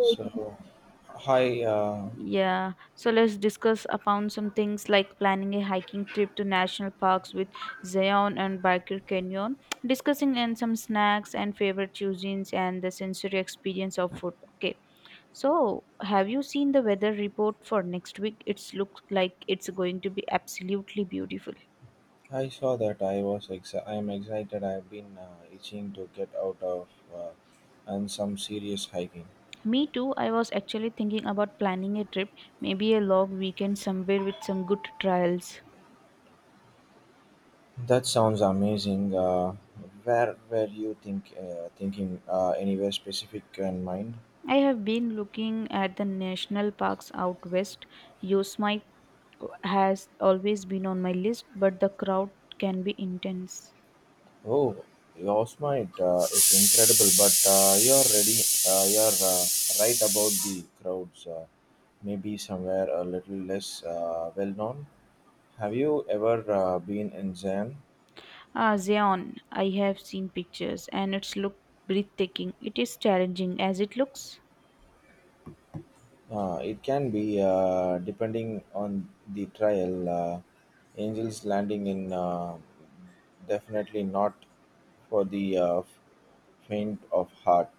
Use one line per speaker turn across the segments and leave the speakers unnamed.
So, hi.
Yeah, so let's discuss upon some things like planning a hiking trip to national parks with Zion and Barker Canyon, discussing and some snacks and favorite cuisines and the sensory experience of food. Okay, so have you seen the weather report for next week? It's looks like it's going to be absolutely beautiful.
I saw that I was. I am excited. I have been itching to get out of uh, and some serious hiking.
Me too. I was actually thinking about planning a trip, maybe a long weekend somewhere with some good trials.
That sounds amazing. Where were you thinking? Anywhere specific in mind?
I have been looking at the national parks out west. Yosemite has always been on my list, but the crowd can be intense.
Oh, Yosemite is incredible, but you're ready. You're right about the crowds. Maybe somewhere a little less well known. Have you ever been in Zen?
Ah, Zion, I have seen pictures and it's look breathtaking. It is challenging as it looks.
It can be depending on the trial. Angels landing in definitely not for the faint of heart,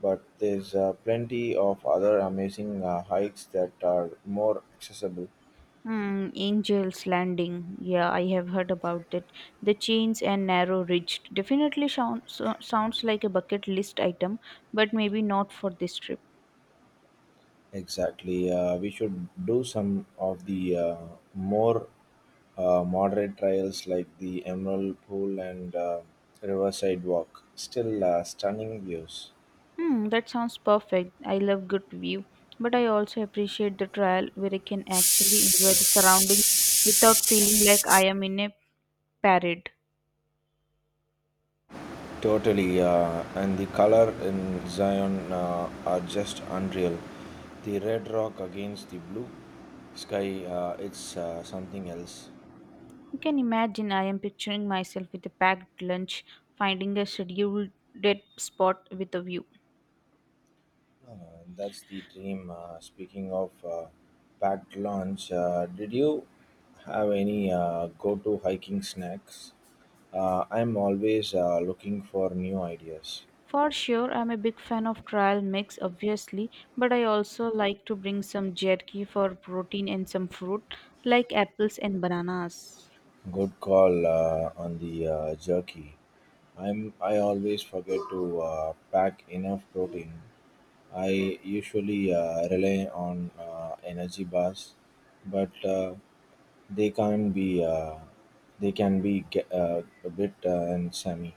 but there's plenty of other amazing hikes that are more accessible.
Hmm, Angel's Landing. Yeah, I have heard about it. The chains and narrow ridge definitely sounds like a bucket list item, but maybe not for this trip.
Exactly, we should do some of the more moderate trials like the Emerald Pool and Riverside Walk. Still stunning views.
Hmm, that sounds perfect. I love good view, but I also appreciate the trial where I can actually enjoy the surroundings without feeling like I am in a parade.
Totally, and the color in Zion are just unreal. The red rock against the blue sky, it's something else.
You can imagine I am picturing myself with a packed lunch, finding a scheduled dead spot with a view.
Uh, that's the dream. Speaking of packed lunch, did you have any go-to hiking snacks? I'm always looking for new ideas.
For sure, I'm a big fan of trial mix, obviously, but I also like to bring some jerky for protein and some fruit, like apples and bananas.
Good call on the jerky. I always forget to pack enough protein. I usually rely on energy bars, but they can be uh, they can be a bit and semi.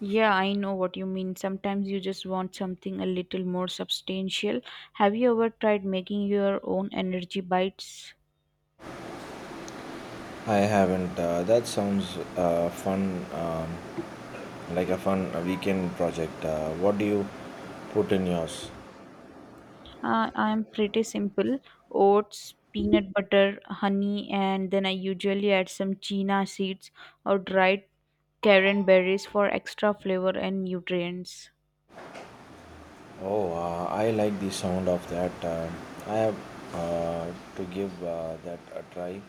Yeah, I know what you mean. Sometimes you just want something a little more substantial. Have you ever tried making your own energy bites?
I haven't. That sounds fun, like a fun weekend project. What do you put in yours?
I'm pretty simple oats, peanut butter, honey, and then I usually add some chia seeds or dried cranberries for extra flavor and nutrients.
Oh, I like the sound of that. I have to give that a try.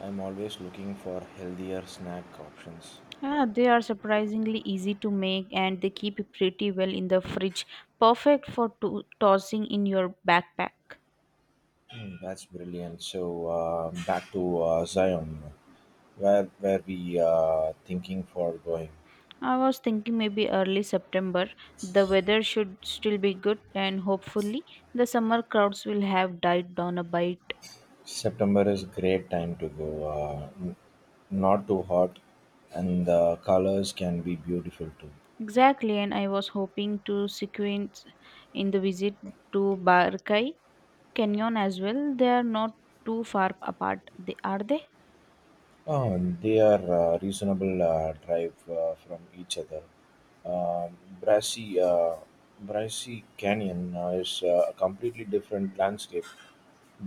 I'm always looking for healthier snack options.
Ah, they are surprisingly easy to make and they keep pretty well in the fridge, perfect for tossing in your backpack.
Hmm, that's brilliant. So back to Zion, where we thinking for going.
I was thinking maybe early September. The weather should still be good, and hopefully, the summer crowds will have died down a bit.
September is great time to go. Not too hot, and the colors can be beautiful too.
Exactly, and I was hoping to sequence in the visit to Barkai Canyon as well. They are not too far apart, they, are they?
They are reasonable drive from each other. Um Brassey, uh, Brassey Canyon is a completely different landscape,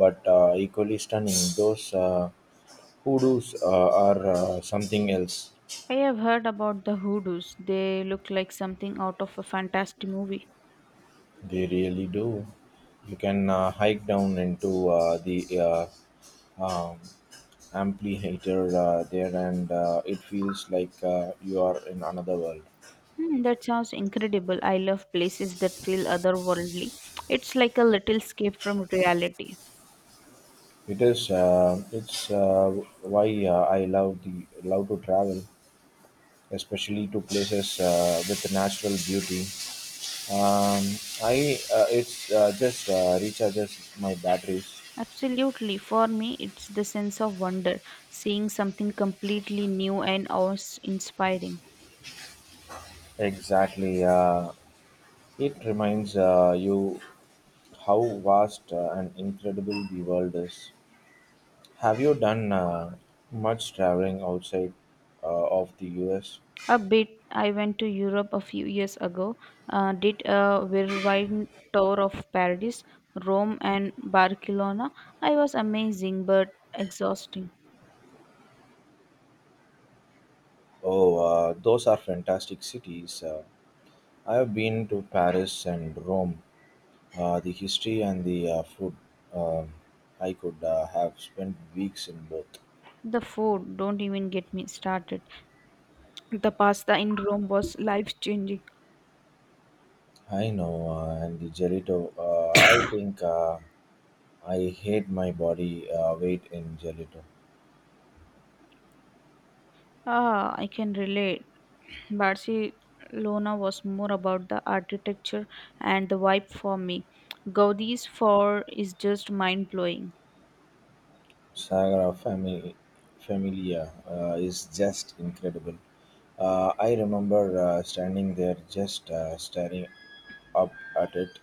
but equally stunning. Those hoodoos are something else.
I have heard about the hoodoos. They look like something out of a fantastic movie.
They really do. You can hike down into the um, amphitheater there, and it feels like you are in another world.
Hmm, that sounds incredible. I love places that feel otherworldly. It's like a little escape from reality.
It is. It's why I love to travel, especially to places with natural beauty. Um, I it's just recharges my batteries.
Absolutely. For me, it's the sense of wonder, seeing something completely new and awe-inspiring.
Exactly. It reminds you how vast and incredible the world is. Have you done much traveling outside of the U.S.?
A bit, I went to Europe a few years ago, did a whirlwind tour of Paris, Rome, and Barcelona. I was amazing but exhausting.
Oh, those are fantastic cities. I have been to Paris and Rome, the history and the food. Uh, I could have spent weeks in both.
The food, don't even get me started. The pasta in Rome was life-changing.
I know, and the gelato. I think I hate my body weight in gelato.
Ah, I can relate. Barcelona was more about the architecture and the vibe for me. Gaudi's for is just mind blowing.
Sagra Family Familia is just incredible. I remember standing there just staring up at it,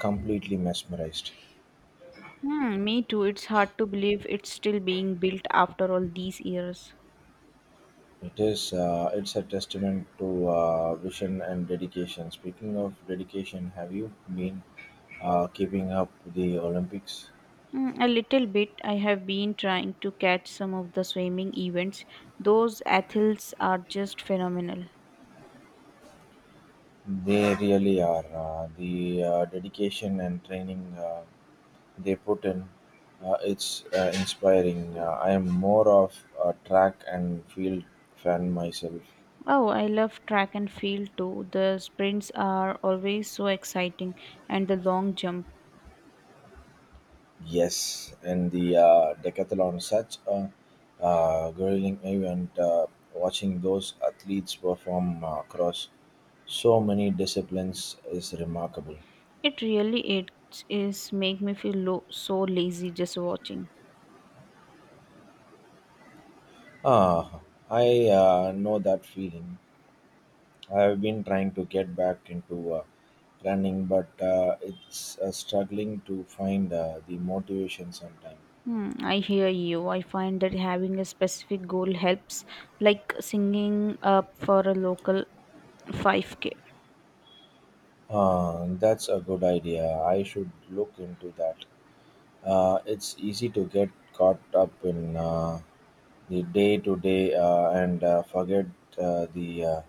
completely mesmerized.
Hmm, me too. It's hard to believe it's still being built after all these years.
It is. It's a testament to vision and dedication. Speaking of dedication, have you been keeping up the Olympics?
Mm, a little bit. I have been trying to catch some of the swimming events. Those athletes are just phenomenal.
They really are. The dedication and training they put in, it's inspiring. I am more of a track and field fan myself.
Oh, I love track and field too. The sprints are always so exciting, and the long jump.
Yes, and the decathlon, such a grueling event. Watching those athletes perform across so many disciplines is remarkable.
It really it is make me feel so lazy just watching.
Ah, I know that feeling. I have been trying to get back into running, but it's struggling to find the motivation sometimes.
Hmm, I hear you. I find that having a specific goal helps, like singing up for a local 5k.
Ah, that's a good idea. I should look into that. It's easy to get caught up in the day to day and forget the uh,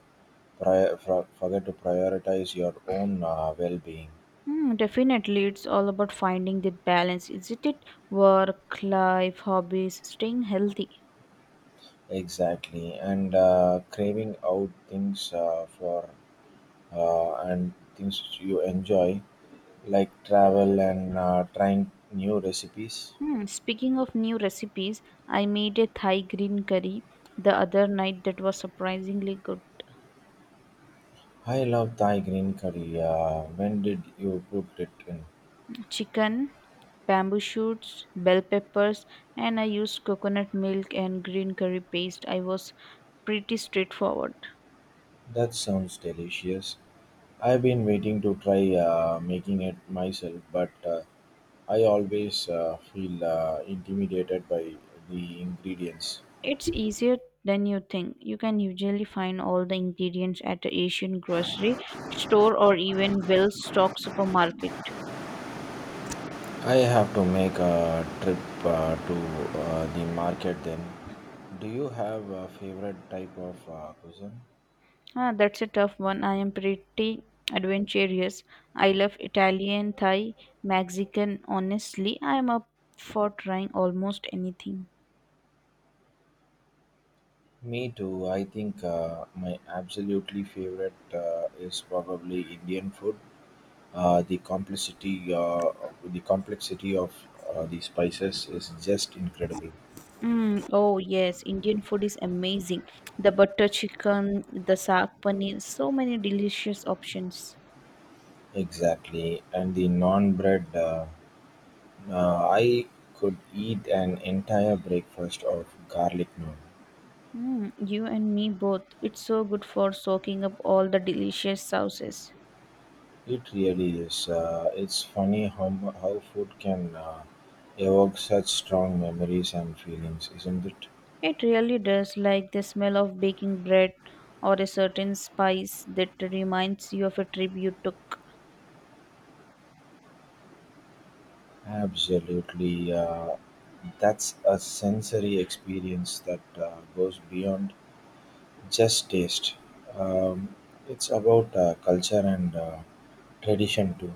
prior, for, forget to prioritize your own well being.
Hmm, definitely, it's all about finding that balance. Isn't it? Work, life, hobbies, staying healthy.
Exactly, and craving out things for and things which you enjoy, like travel and trying new recipes.
Hmm, speaking of new recipes, I made a Thai green curry the other night that was surprisingly good.
I love Thai green curry. When did you cook it in?
Chicken, bamboo shoots, bell peppers, and I used coconut milk and green curry paste. I was pretty straightforward.
That sounds delicious. I've been waiting to try making it myself, but I always feel intimidated by the ingredients.
It's easier than you think. You can usually find all the ingredients at the Asian grocery store or even well stocked supermarket.
I have to make a trip to the market then. Do you have a favorite type of cuisine?
Ah, that's a tough one. I am pretty adventurous. I love Italian, Thai, Mexican. Honestly, I am up for trying almost anything.
Me too. I think my absolutely favorite is probably Indian food. Uh, the complexity, uh, the complexity of the spices is just incredible.
Mm, oh yes, Indian food is amazing. The butter chicken, the saag paneer, so many delicious options.
Exactly, and the non bread, I could eat an entire breakfast of garlic naan.
Mm, you and me both. It's so good for soaking up all the delicious sauces.
It really is. It's funny how food can evoke such strong memories and feelings, isn't it?
It really does, like the smell of baking bread or a certain spice that reminds you of a trip you took.
Absolutely, that's a sensory experience that goes beyond just taste. Um, it's about culture and tradition too.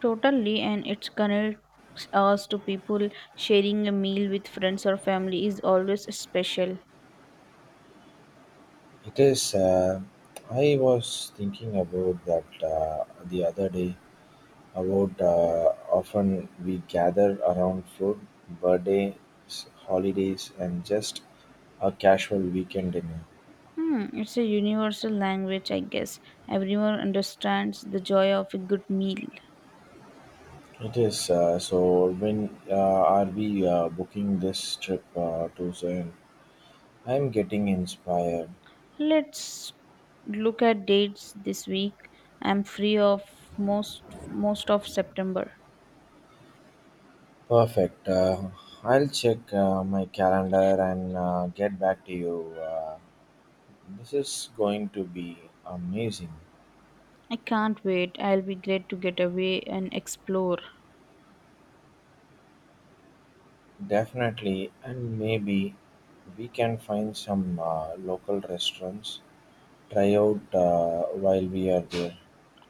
Totally, and it connects us to people. Sharing a meal with friends or family is always special.
It is. I was thinking about that the other day about often we gather around food, birthdays, holidays, and just a casual weekend dinner.
Hmm, it's a universal language, I guess. Everyone understands the joy of a good meal.
It is. So when are we booking this trip to Zion? I'm getting inspired.
Let's look at dates this week. I'm free of most most of September.
Perfect. I'll check my calendar and get back to you. This is going to be amazing.
I can't wait. I'll be glad to get away and explore.
Definitely, and maybe we can find some local restaurants, try out while we are there.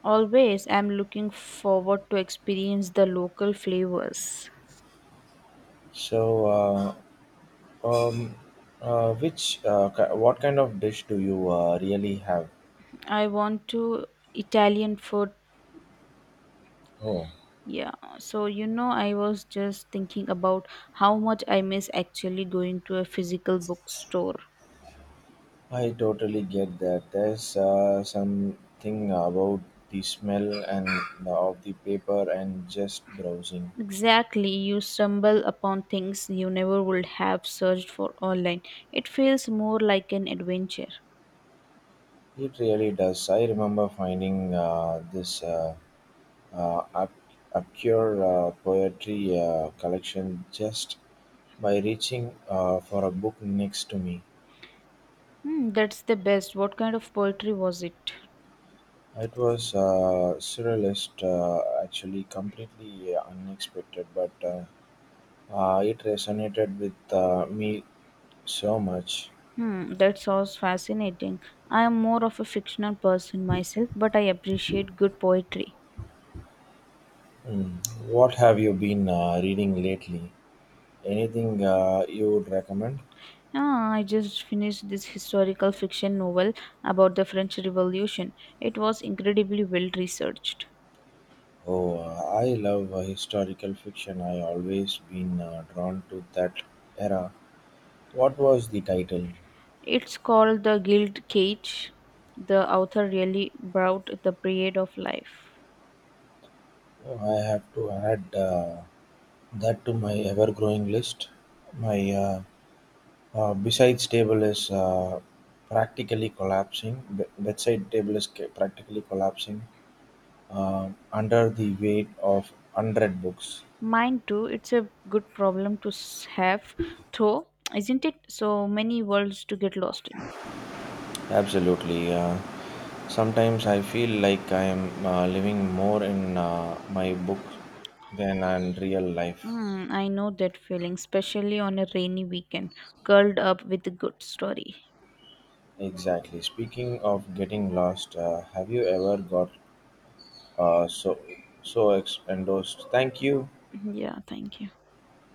Always, I'm looking forward to experience the local flavors.
So, um, which, what kind of dish do you really have?
I want to Italian food.
Oh,
Yeah, so you know, I was just thinking about how much I miss actually going to a physical bookstore.
I totally get that. There's something about the smell and the of the paper and just browsing.
Exactly, you stumble upon things you never would have searched for online. It feels more like an adventure.
It really does. I remember finding this. Uh, up, acquire a poetry collection just by reaching for a book next to me.
Hmm, that's the best. What kind of poetry was it?
It was surrealist, actually, completely unexpected, but it resonated with me so much.
Hmm, that sounds fascinating. I am more of a fictional person myself, but I appreciate good poetry.
Hmm. What have you been reading lately? Anything you would recommend?
Ah, I just finished this historical fiction novel about the French Revolution. It was incredibly well researched.
Oh, I love historical fiction. I always been drawn to that era. What was the title?
It's called The Guild Cage. The author really brought the period of life.
Oh, I have to add that to my ever-growing list. My besides table is practically collapsing. Bedside table is practically collapsing under the weight of unread books.
Mine too, it's a good problem to have, though, isn't it? So many worlds to get lost in.
Absolutely. Sometimes I feel like I am living more in my book than in real life.
Mm, I know that feeling, especially on a rainy weekend, curled up with a good story.
Exactly. Speaking of getting lost, have you ever got uh, so endorsed. Thank you.
Yeah, thank you.